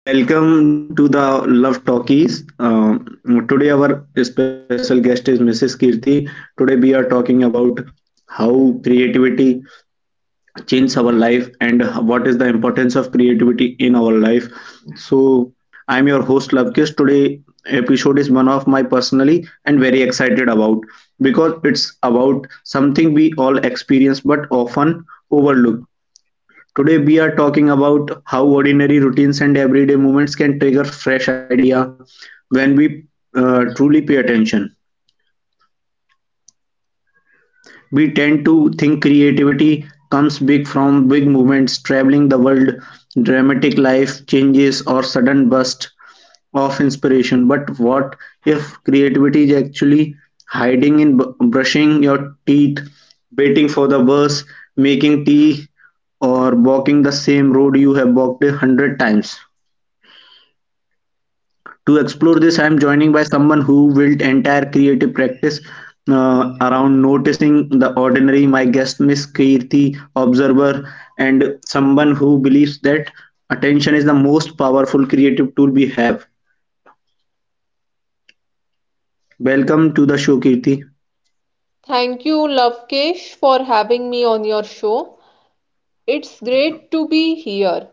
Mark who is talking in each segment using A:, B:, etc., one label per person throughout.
A: Welcome to the Love Talkies. Today, our special guest is Mrs. Kirti. Today, we are talking about how creativity changes our life and what is the importance of creativity in our life. So, I'm your host Lovekish. Today, episode is one of my personally and very excited about because it's about something we all experience but often overlook. Today we are talking about how ordinary routines and everyday moments can trigger fresh idea when we truly pay attention. We tend to think creativity comes big from big movements, traveling the world, dramatic life changes or sudden burst of inspiration. But what if creativity is actually hiding in brushing your teeth, waiting for the bus, making tea, or walking the same road you have walked a hundred times? To explore this, I am joining by someone who built entire creative practice around noticing the ordinary. My guest, Miss Kirti Observer, and someone who believes that attention is the most powerful creative tool we have. Welcome to the show, Kirti.
B: Thank you, Lavkesh, for having me on your show. It's great to be here.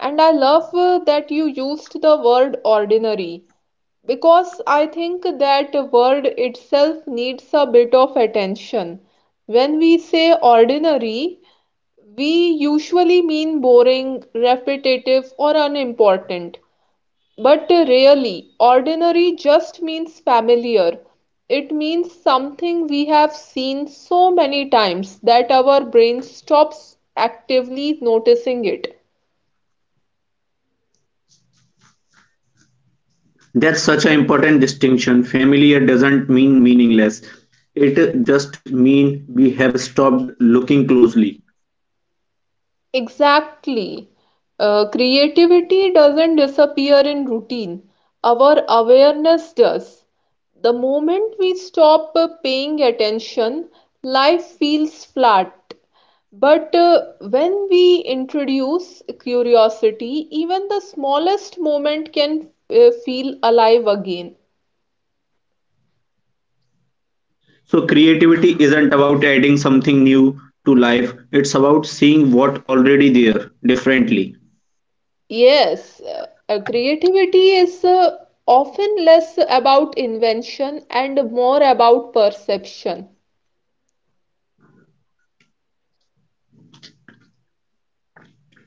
B: And I love that you used the word ordinary because I think that word itself needs a bit of attention. When we say ordinary, we usually mean boring, repetitive, or unimportant. But really, ordinary just means familiar. It means something we have seen so many times that our brain stops actively noticing it.
A: That's such an important distinction. Familiar doesn't mean meaningless. It just means we have stopped looking closely.
B: Exactly. Creativity doesn't disappear in routine, our awareness does. The moment we stop paying attention, life feels flat. But when we introduce curiosity, even the smallest moment can feel alive again.
A: So creativity isn't about adding something new to life, it's about seeing what already there differently.
B: Yes, creativity is often less about invention and more about perception.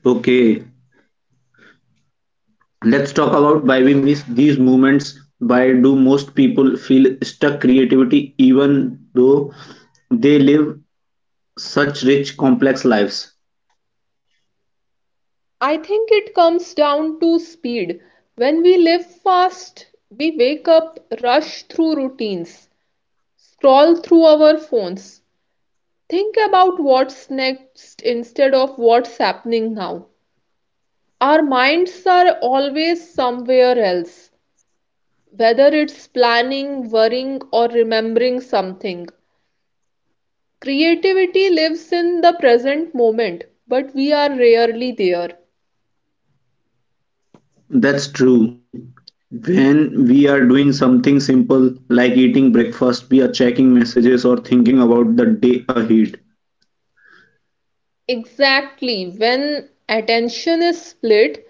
A: Okay, let's talk about why we miss these moments. Why do most people feel stuck creativity even though they live such rich complex lives?
B: I think it comes down to speed. When we live fast, we wake up, rush through routines, scroll through our phones, think about what's next instead of what's happening now. Our minds are always somewhere else, whether it's planning, worrying, or remembering something. Creativity lives in the present moment, but we are rarely there.
A: That's true. When we are doing something simple like eating breakfast, we are checking messages or thinking about the day ahead.
B: Exactly. When attention is split,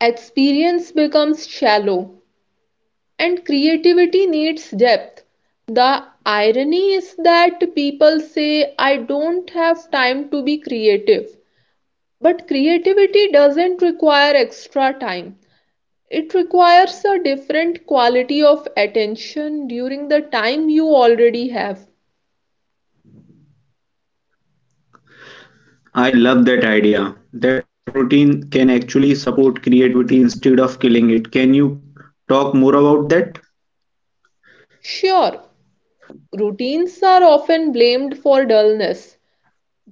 B: experience becomes shallow and creativity needs depth. The irony is that people say, I don't have time to be creative. But creativity doesn't require extra time, it requires a different quality of attention during the time you already have.
A: I love that idea. That routine can actually support creativity instead of killing it. Can you talk more about that?
B: Sure, routines are often blamed for dullness,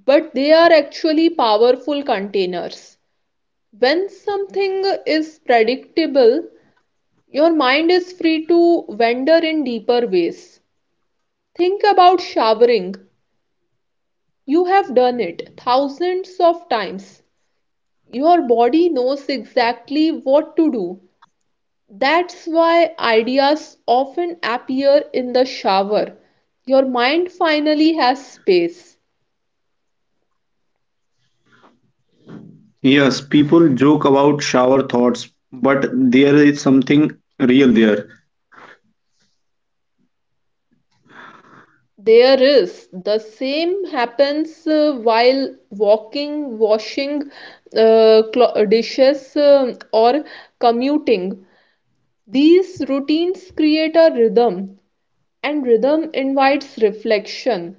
B: but they are actually powerful containers. When something is predictable, your mind is free to wander in deeper ways. Think about showering. You have done it thousands of times. Your body knows exactly what to do. That's why ideas often appear in the shower. Your mind finally has space.
A: Yes, people joke about shower thoughts, but there is something real there.
B: There is. The same happens while walking, washing dishes, or commuting. These routines create a rhythm, and rhythm invites reflection.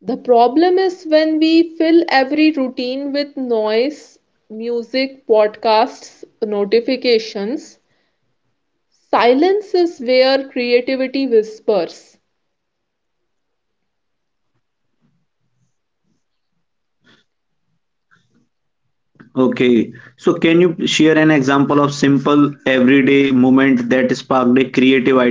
B: The problem is when we fill every routine with noise, music, podcasts, notifications. Silence is where creativity whispers.
A: Okay, so can you share an example of simple everyday moment that sparked a creative idea for you?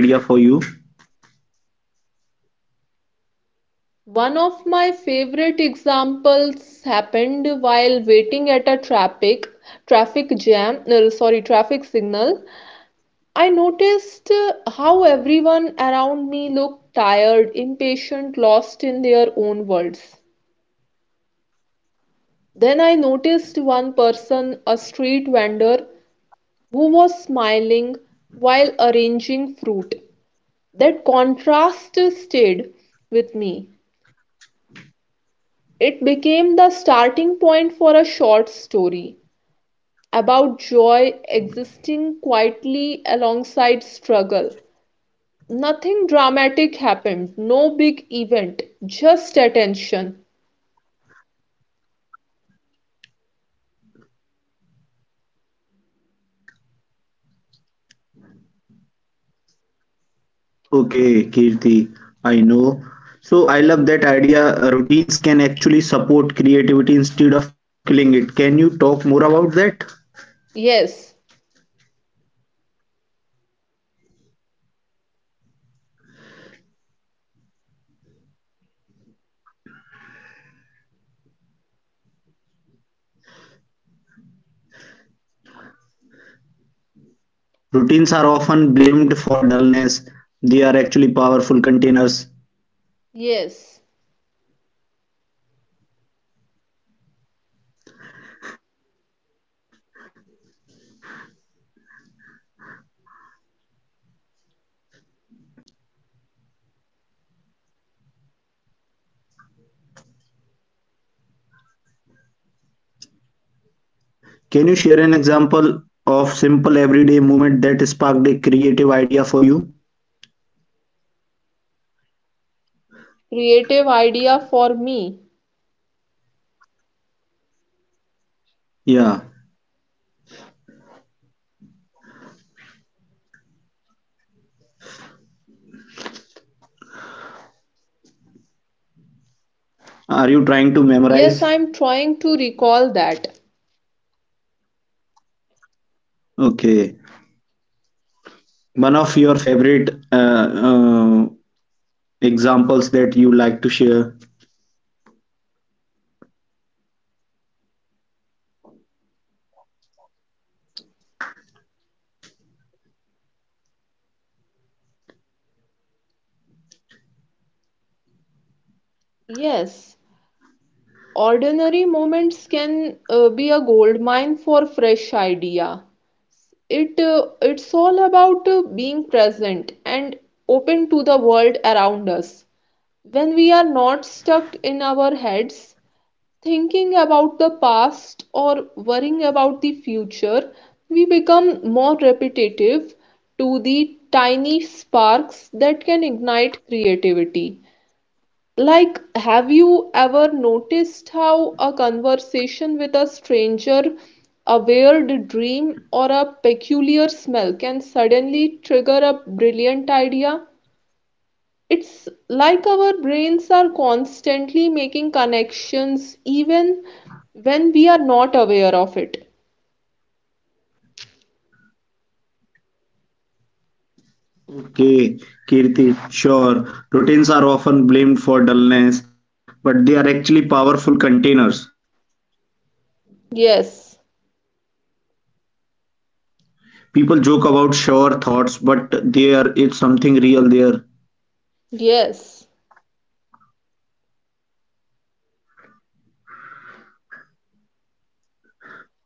B: One of my favorite examples happened while waiting at a traffic traffic jam, no, sorry, traffic signal. I noticed how everyone around me looked tired, impatient, lost in their own worlds. Then I noticed one person, a street vendor, who was smiling while arranging fruit. That contrast stayed with me. It became the starting point for a short story about joy existing quietly alongside struggle. Nothing dramatic happened, no big event, just attention.
A: Okay, Kirti, I know. So I love that idea. Routines can actually support creativity instead of killing it. Can you talk more about that?
B: Yes,
A: Routines are often blamed for dullness; they are actually powerful containers.
B: yes,
A: Can you share an example of simple everyday movement that sparked a creative idea for you?
B: creative idea for me.
A: Yeah. Are you trying to memorize?
B: Yes, I'm trying to recall that.
A: Okay. One of your favorite uh, examples that you like to share?
B: Yes, ordinary moments can be a gold mine for fresh idea. It's all about being present and open to the world around us when we are not stuck in our heads thinking about the past or worrying about the future, we become more repetitive to the tiny sparks that can ignite creativity. Like, have you ever noticed how a conversation with a stranger, a weird dream, or a peculiar smell can suddenly trigger a brilliant idea? It's like our brains are constantly making connections even when we are not aware of it.
A: Okay, Kirti, sure. Routines are often blamed for dullness, but they are actually powerful containers.
B: Yes,
A: People joke about shower thoughts, but there is something real there.
B: yes,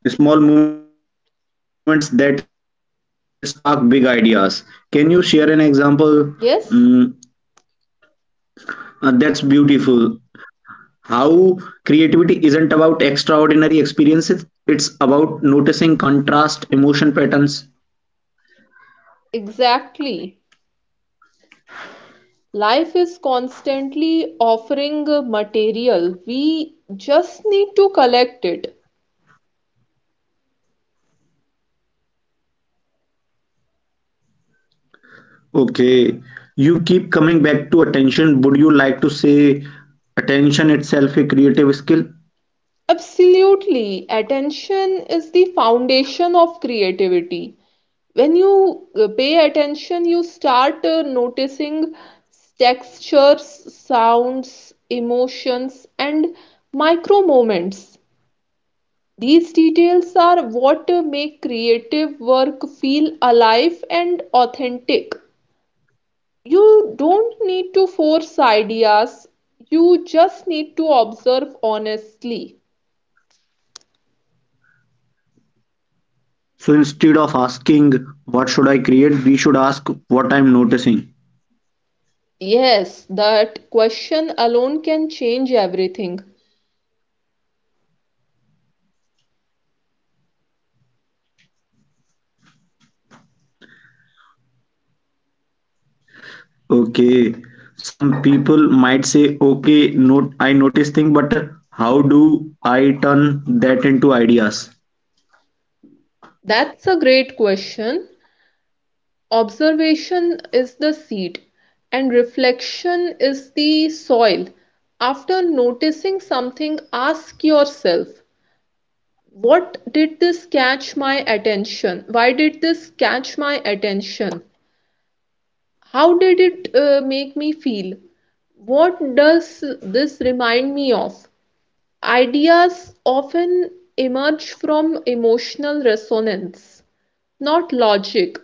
A: Small moments that spark big ideas. Can you share an example? Mm,
B: yes,
A: that's beautiful. How creativity isn't about extraordinary experiences, it's about noticing contrast, emotion patterns.
B: exactly. Life is constantly offering a material, we just need to collect it.
A: Okay, you keep coming back to attention. Would you like to say attention itself a creative skill?
B: Absolutely, attention is the foundation of creativity. When you pay attention, you start noticing textures, sounds, emotions, and micro moments. These details are what make creative work feel alive and authentic. You don't need to force ideas, you just need to observe honestly.
A: So instead of asking, what should I create? We should ask what I'm noticing.
B: Yes, that question alone can change everything.
A: Okay. Some people might say, okay, no, I notice thing, but how do I turn that into ideas?
B: That's a great question. Observation is the seed, and reflection is the soil. After noticing something, ask yourself, what did this catch my attention? Why did this catch my attention? How did it make me feel? What does this remind me of? Ideas often emerge from emotional resonance, not logic.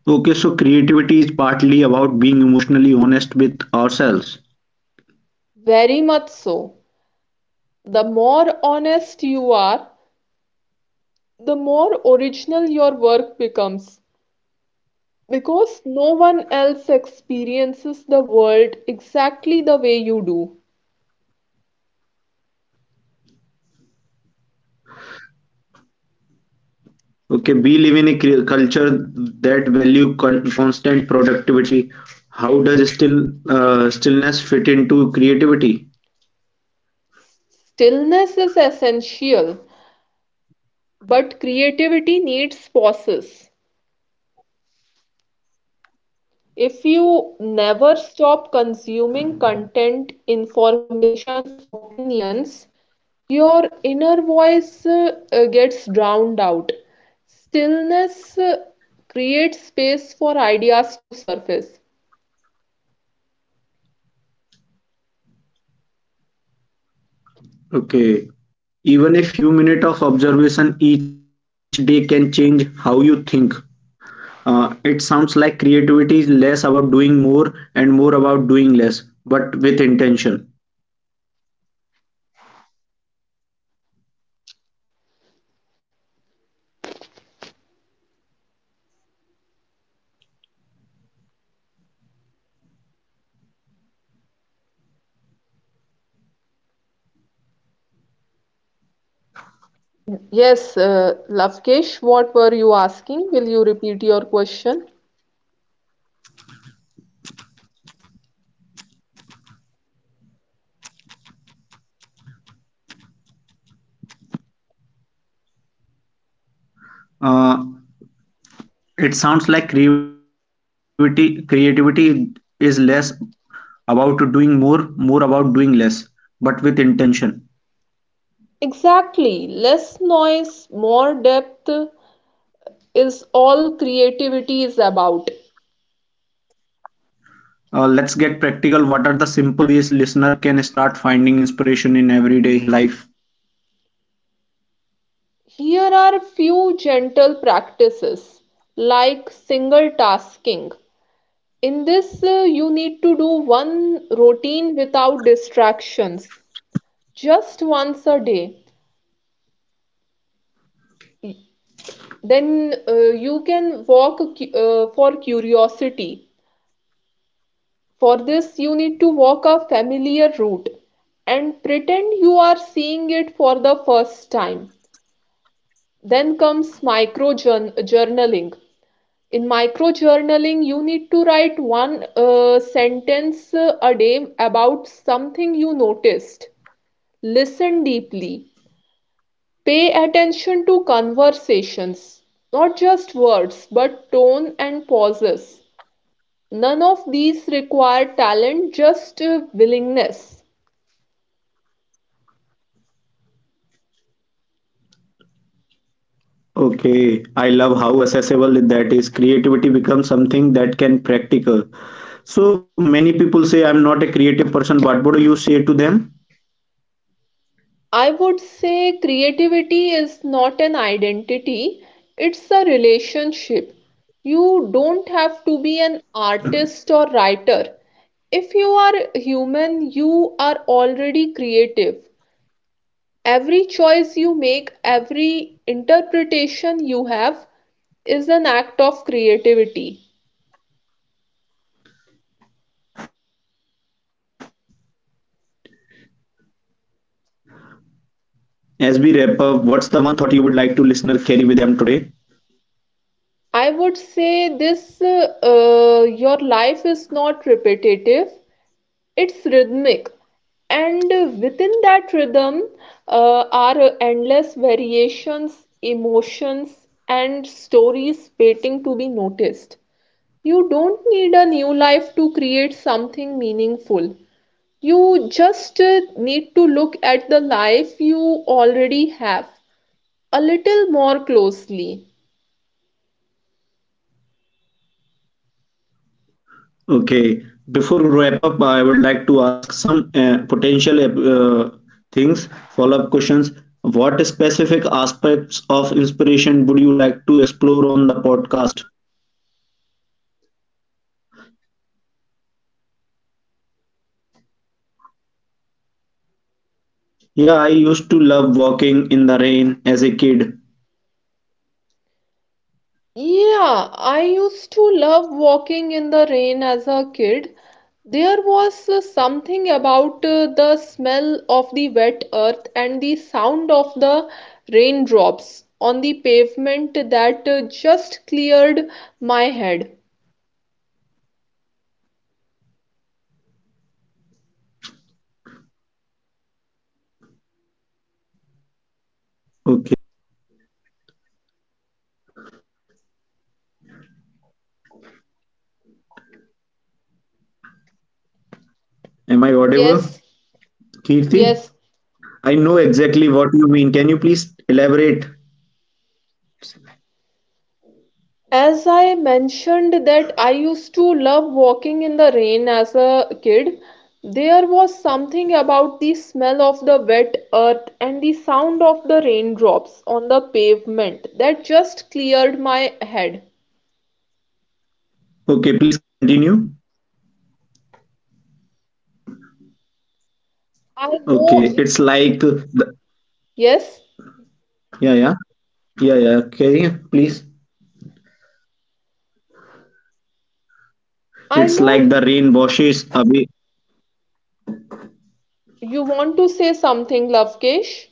A: Okay, so creativity is partly about being emotionally honest with ourselves.
B: Very much so. The more honest you are, the more original your work becomes. Because no one else experiences the world exactly the way you do.
A: Okay, we live in a culture that value constant productivity. How does stillness fit into creativity?
B: Stillness is essential, but creativity needs pauses. If you never stop consuming content, information, opinions, your inner voice gets drowned out. Stillness creates space for ideas to surface.
A: Okay. Even a few minutes of observation each day can change how you think. It sounds like creativity is less about doing more and more about doing less, but with intention.
B: Yes, Lavkesh, what were you asking? Will you repeat your question?
A: Uh, it sounds like creativity is less about doing more, more about doing less, but with intention.
B: Exactly. Less noise, more depth is all creativity is about.
A: Let's get practical. What are the simple ways listener can start finding inspiration in everyday life?
B: Here are few gentle practices like single tasking. In this, you need to do one routine without distractions, just once a day. Then you can walk for curiosity. For this, you need to walk a familiar route and pretend you are seeing it for the first time. Then comes micro journaling. In micro journaling, you need to write one sentence a day about something you noticed. Listen deeply. Pay attention to conversations, not just words, but tone and pauses. None of these require talent, just willingness.
A: Okay, I love how accessible that is. Creativity becomes something that can practical. So many people say I'm not a creative person. But What do you say to them?
B: I would say creativity is not an identity, it's a relationship. You don't have to be an artist or writer. If you are human, you are already creative. Every choice you make, every interpretation you have is an act of creativity.
A: As we wrap up, what's the one thought you would like to listener carry with them today?
B: I would say this: your life is not repetitive, it's rhythmic, and within that rhythm are endless variations, emotions, and stories waiting to be noticed. You don't need a new life to create something meaningful, you just need to look at the life you already have a little more closely.
A: Okay, before we wrap up, I would like to ask some potential uh, things, follow-up questions. What specific aspects of inspiration would you like to explore on the podcast? Yeah, I used to love walking in the rain as a kid.
B: Yeah, I used to love walking in the rain as a kid. There was something about the smell of the wet earth and the sound of the raindrops on the pavement that just cleared my head.
A: Okay. So I know exactly what you mean. Am I audible,
B: Yes,
A: Kirti?
B: yes,
A: I know exactly what you mean. Can you please elaborate?
B: as I mentioned, that I used to love walking in the rain as a kid, there was something about the smell of the wet earth and the sound of the raindrops on the pavement that just cleared my head.
A: Okay, please continue.
B: I
A: Okay,
B: know,
A: it's like the,
B: yes,
A: yeah, yeah, yeah, yeah. Okay, please.
B: I
A: It's
B: know
A: like the rain washes away.
B: you want to say something, Lavkesh.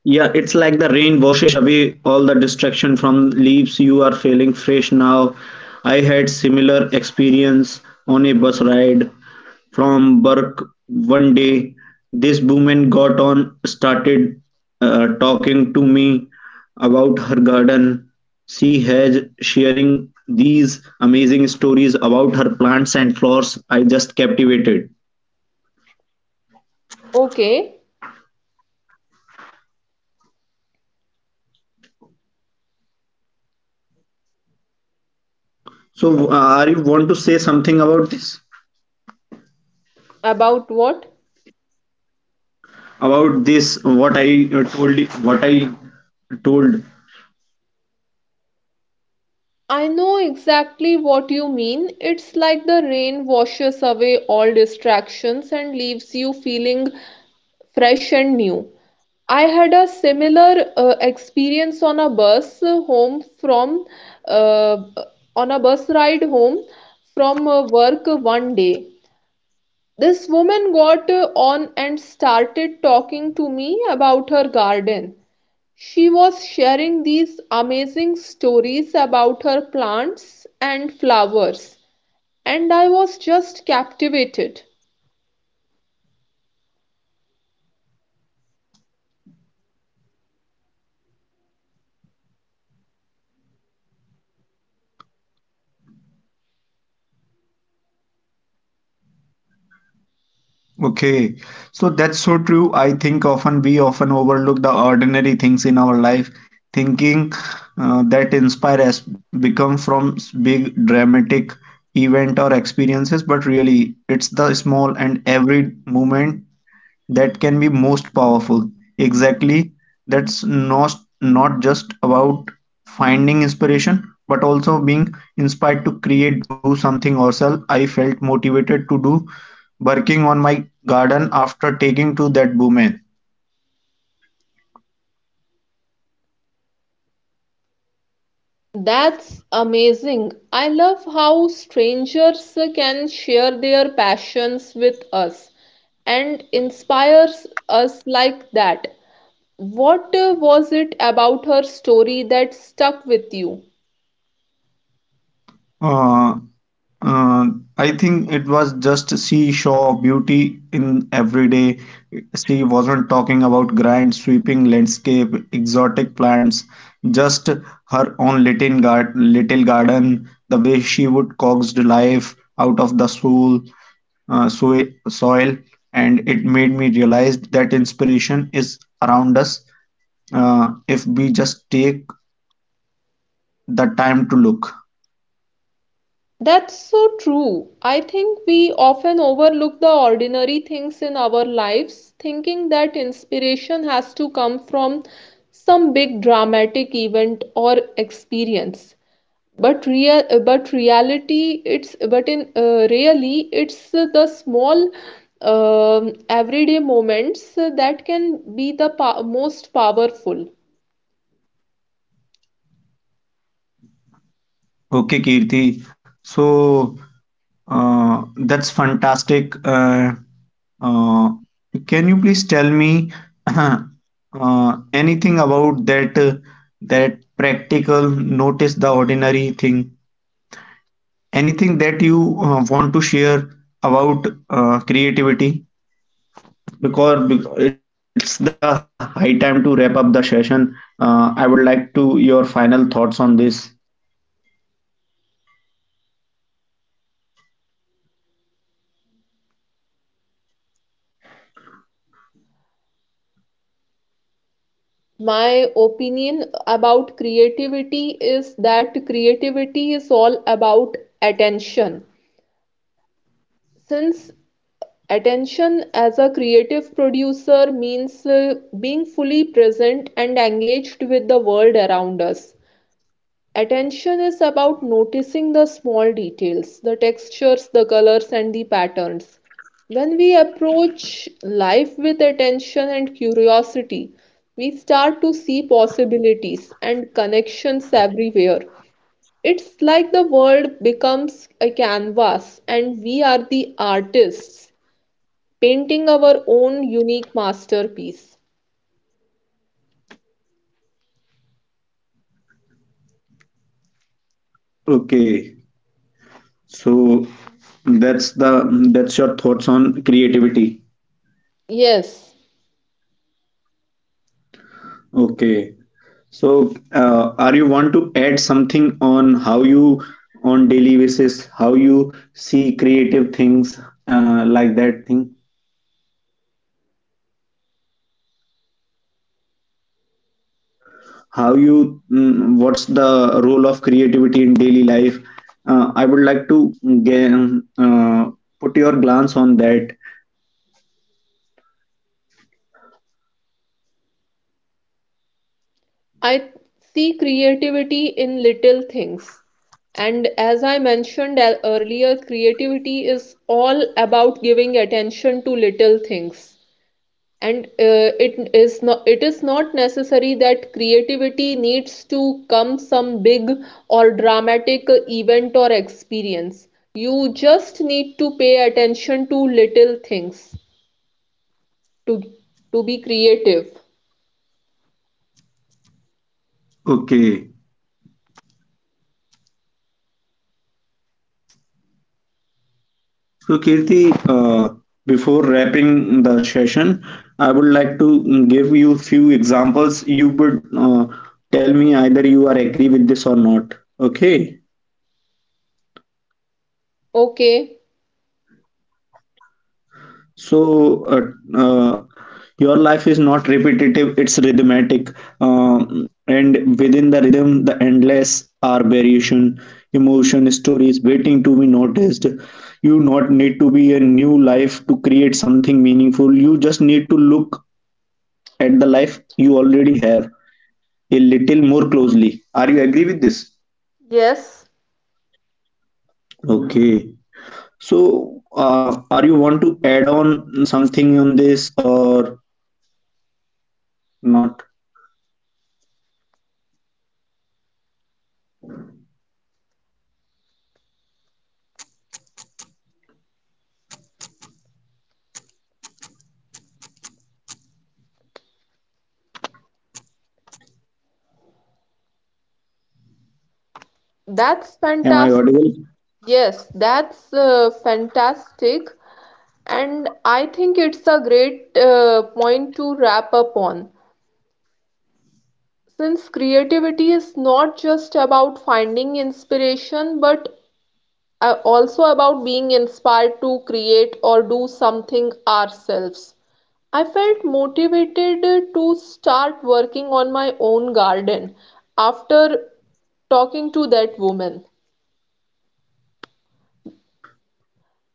A: Yeah, it's like the rain washes away all the distraction from leaves. You are feeling fresh now. I had similar experience on a bus ride from work one day. This woman got on, started talking to me about her garden. She has sharing these amazing stories about her plants and flowers. I just captivated.
B: Okay,
A: So, are you want to say something about this?
B: about what?
A: About this, what I told, what I told
B: I know exactly what you mean. It's like the rain washes away all distractions and leaves you feeling fresh and new. I had a similar experience on a bus home from uh, on a bus ride home from work one day. This woman got on and started talking to me about her garden. She was sharing these amazing stories about her plants and flowers, and I was just captivated.
A: Okay, so that's so true. I think often we often overlook the ordinary things in our life, thinking that inspire us become from big dramatic event or experiences, but really it's the small and every moment that can be most powerful. Exactly. That's not just about finding inspiration, but also being inspired to create, do something ourselves. I felt motivated to do working on my garden after taking to that woman.
B: That's amazing. I love how strangers can share their passions with us and inspires us like that. What was it about her story that stuck with you?
A: Uh, I think it was just she saw beauty in everyday. She wasn't talking about grand sweeping landscape, exotic plants, just her own little gar little garden, the way she would coax life out of the soul, soil, and it made me realize that inspiration is around us if we just take the time to look.
B: That's so true. I think we often overlook the ordinary things in our lives, thinking that inspiration has to come from some big dramatic event or experience. But real, but reality, it's but in Really, it's the small everyday moments that can be the pa most powerful.
A: Okay, Kirti. So that's fantastic. Uh, can you please tell me uh, anything about that that practical notice the ordinary thing? Anything that you want to share about creativity? Because it's the high time to wrap up the session. I would like to your final thoughts on this.
B: My opinion about creativity is that creativity is all about attention. Since attention as a creative producer means being fully present and engaged with the world around us. Attention is about noticing the small details, the textures, the colors, and the patterns. When we approach life with attention and curiosity, we start to see possibilities and connections everywhere. It's like the world becomes a canvas, and we are the artists painting our own unique masterpiece.
A: Okay, so that's the that's your thoughts on creativity.
B: Yes.
A: Okay. So, are you want to add something on how you on daily basis, how you see creative things like that thing? How you mm, what's the role of creativity in daily life? I would like to get, uh, put your glance on that.
B: I see creativity in little things. And as I mentioned earlier, creativity is all about giving attention to little things. And it is not necessary that creativity needs to come some big or dramatic event or experience. You just need to pay attention to little things to to be creative.
A: Okay. So, Kirti, uh, before wrapping the session, I would like to give you few examples. You would tell me either you are agree with this or not. Okay.
B: Okay.
A: So, uh, your life is not repetitive; it's rhythmic, and within the rhythm, the endless are variation, emotion, stories waiting to be noticed. You not need to be a new life to create something meaningful. You just need to look at the life you already have a little more closely. Are you agree with this?
B: Yes,
A: Okay. So, are you want to add on something on this or not?
B: that's
A: Am I
B: fantastic.
A: audible?
B: Yes, that's fantastic. And I think it's a great point to wrap up on. Since creativity is not just about finding inspiration, but also about being inspired to create or do something ourselves. I felt motivated to start working on my own garden after talking to that woman.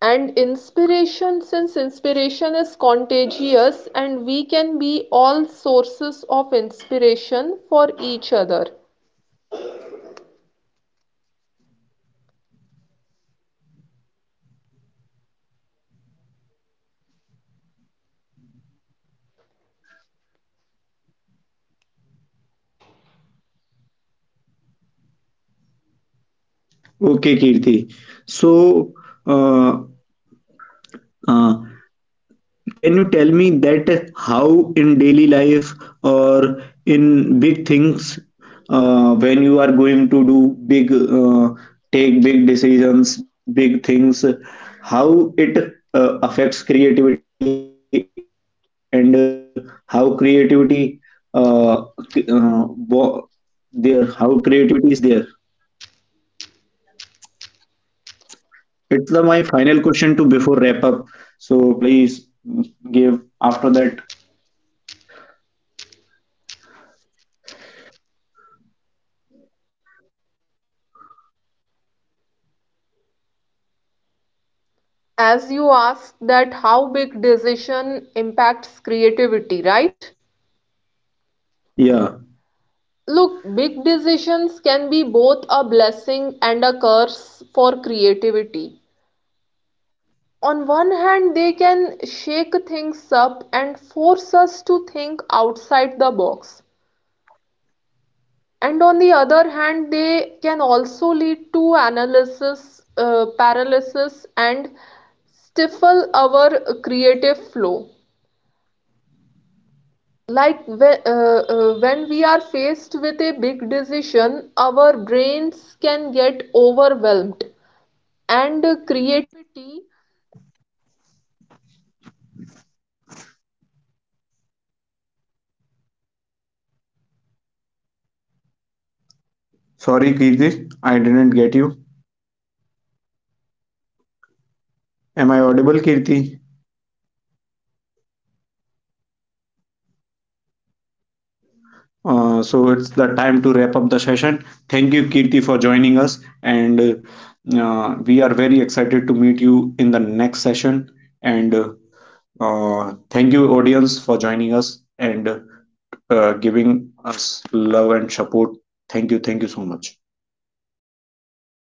B: And inspiration, since inspiration is contagious, and we can be all sources of inspiration for each other.
A: Okay, Kirti. So, uh, uh, can you tell me that how in daily life or in big things when you are going to do big take big decisions, big things, how it affects creativity and how creativity uh, c- uh, wo- there how creativity is there. It's the, my final question to before wrap up. So please give after that.
B: As you asked, that how big decision impacts creativity, right?
A: Yeah.
B: Look, big decisions can be both a blessing and a curse for creativity. On one hand, they can shake things up and force us to think outside the box. And on the other hand, they can also lead to analysis, paralysis, and stifle our creative flow. Like when we are faced with a big decision, our brains can get overwhelmed
A: Sorry, Kirti, I didn't get you. Am I audible, Kirti? So it's the time to wrap up the session. Thank you, Kirti, for joining us, and we are very excited to meet you in the next session. And thank you, audience, for joining us and giving us love and support. Thank you so much.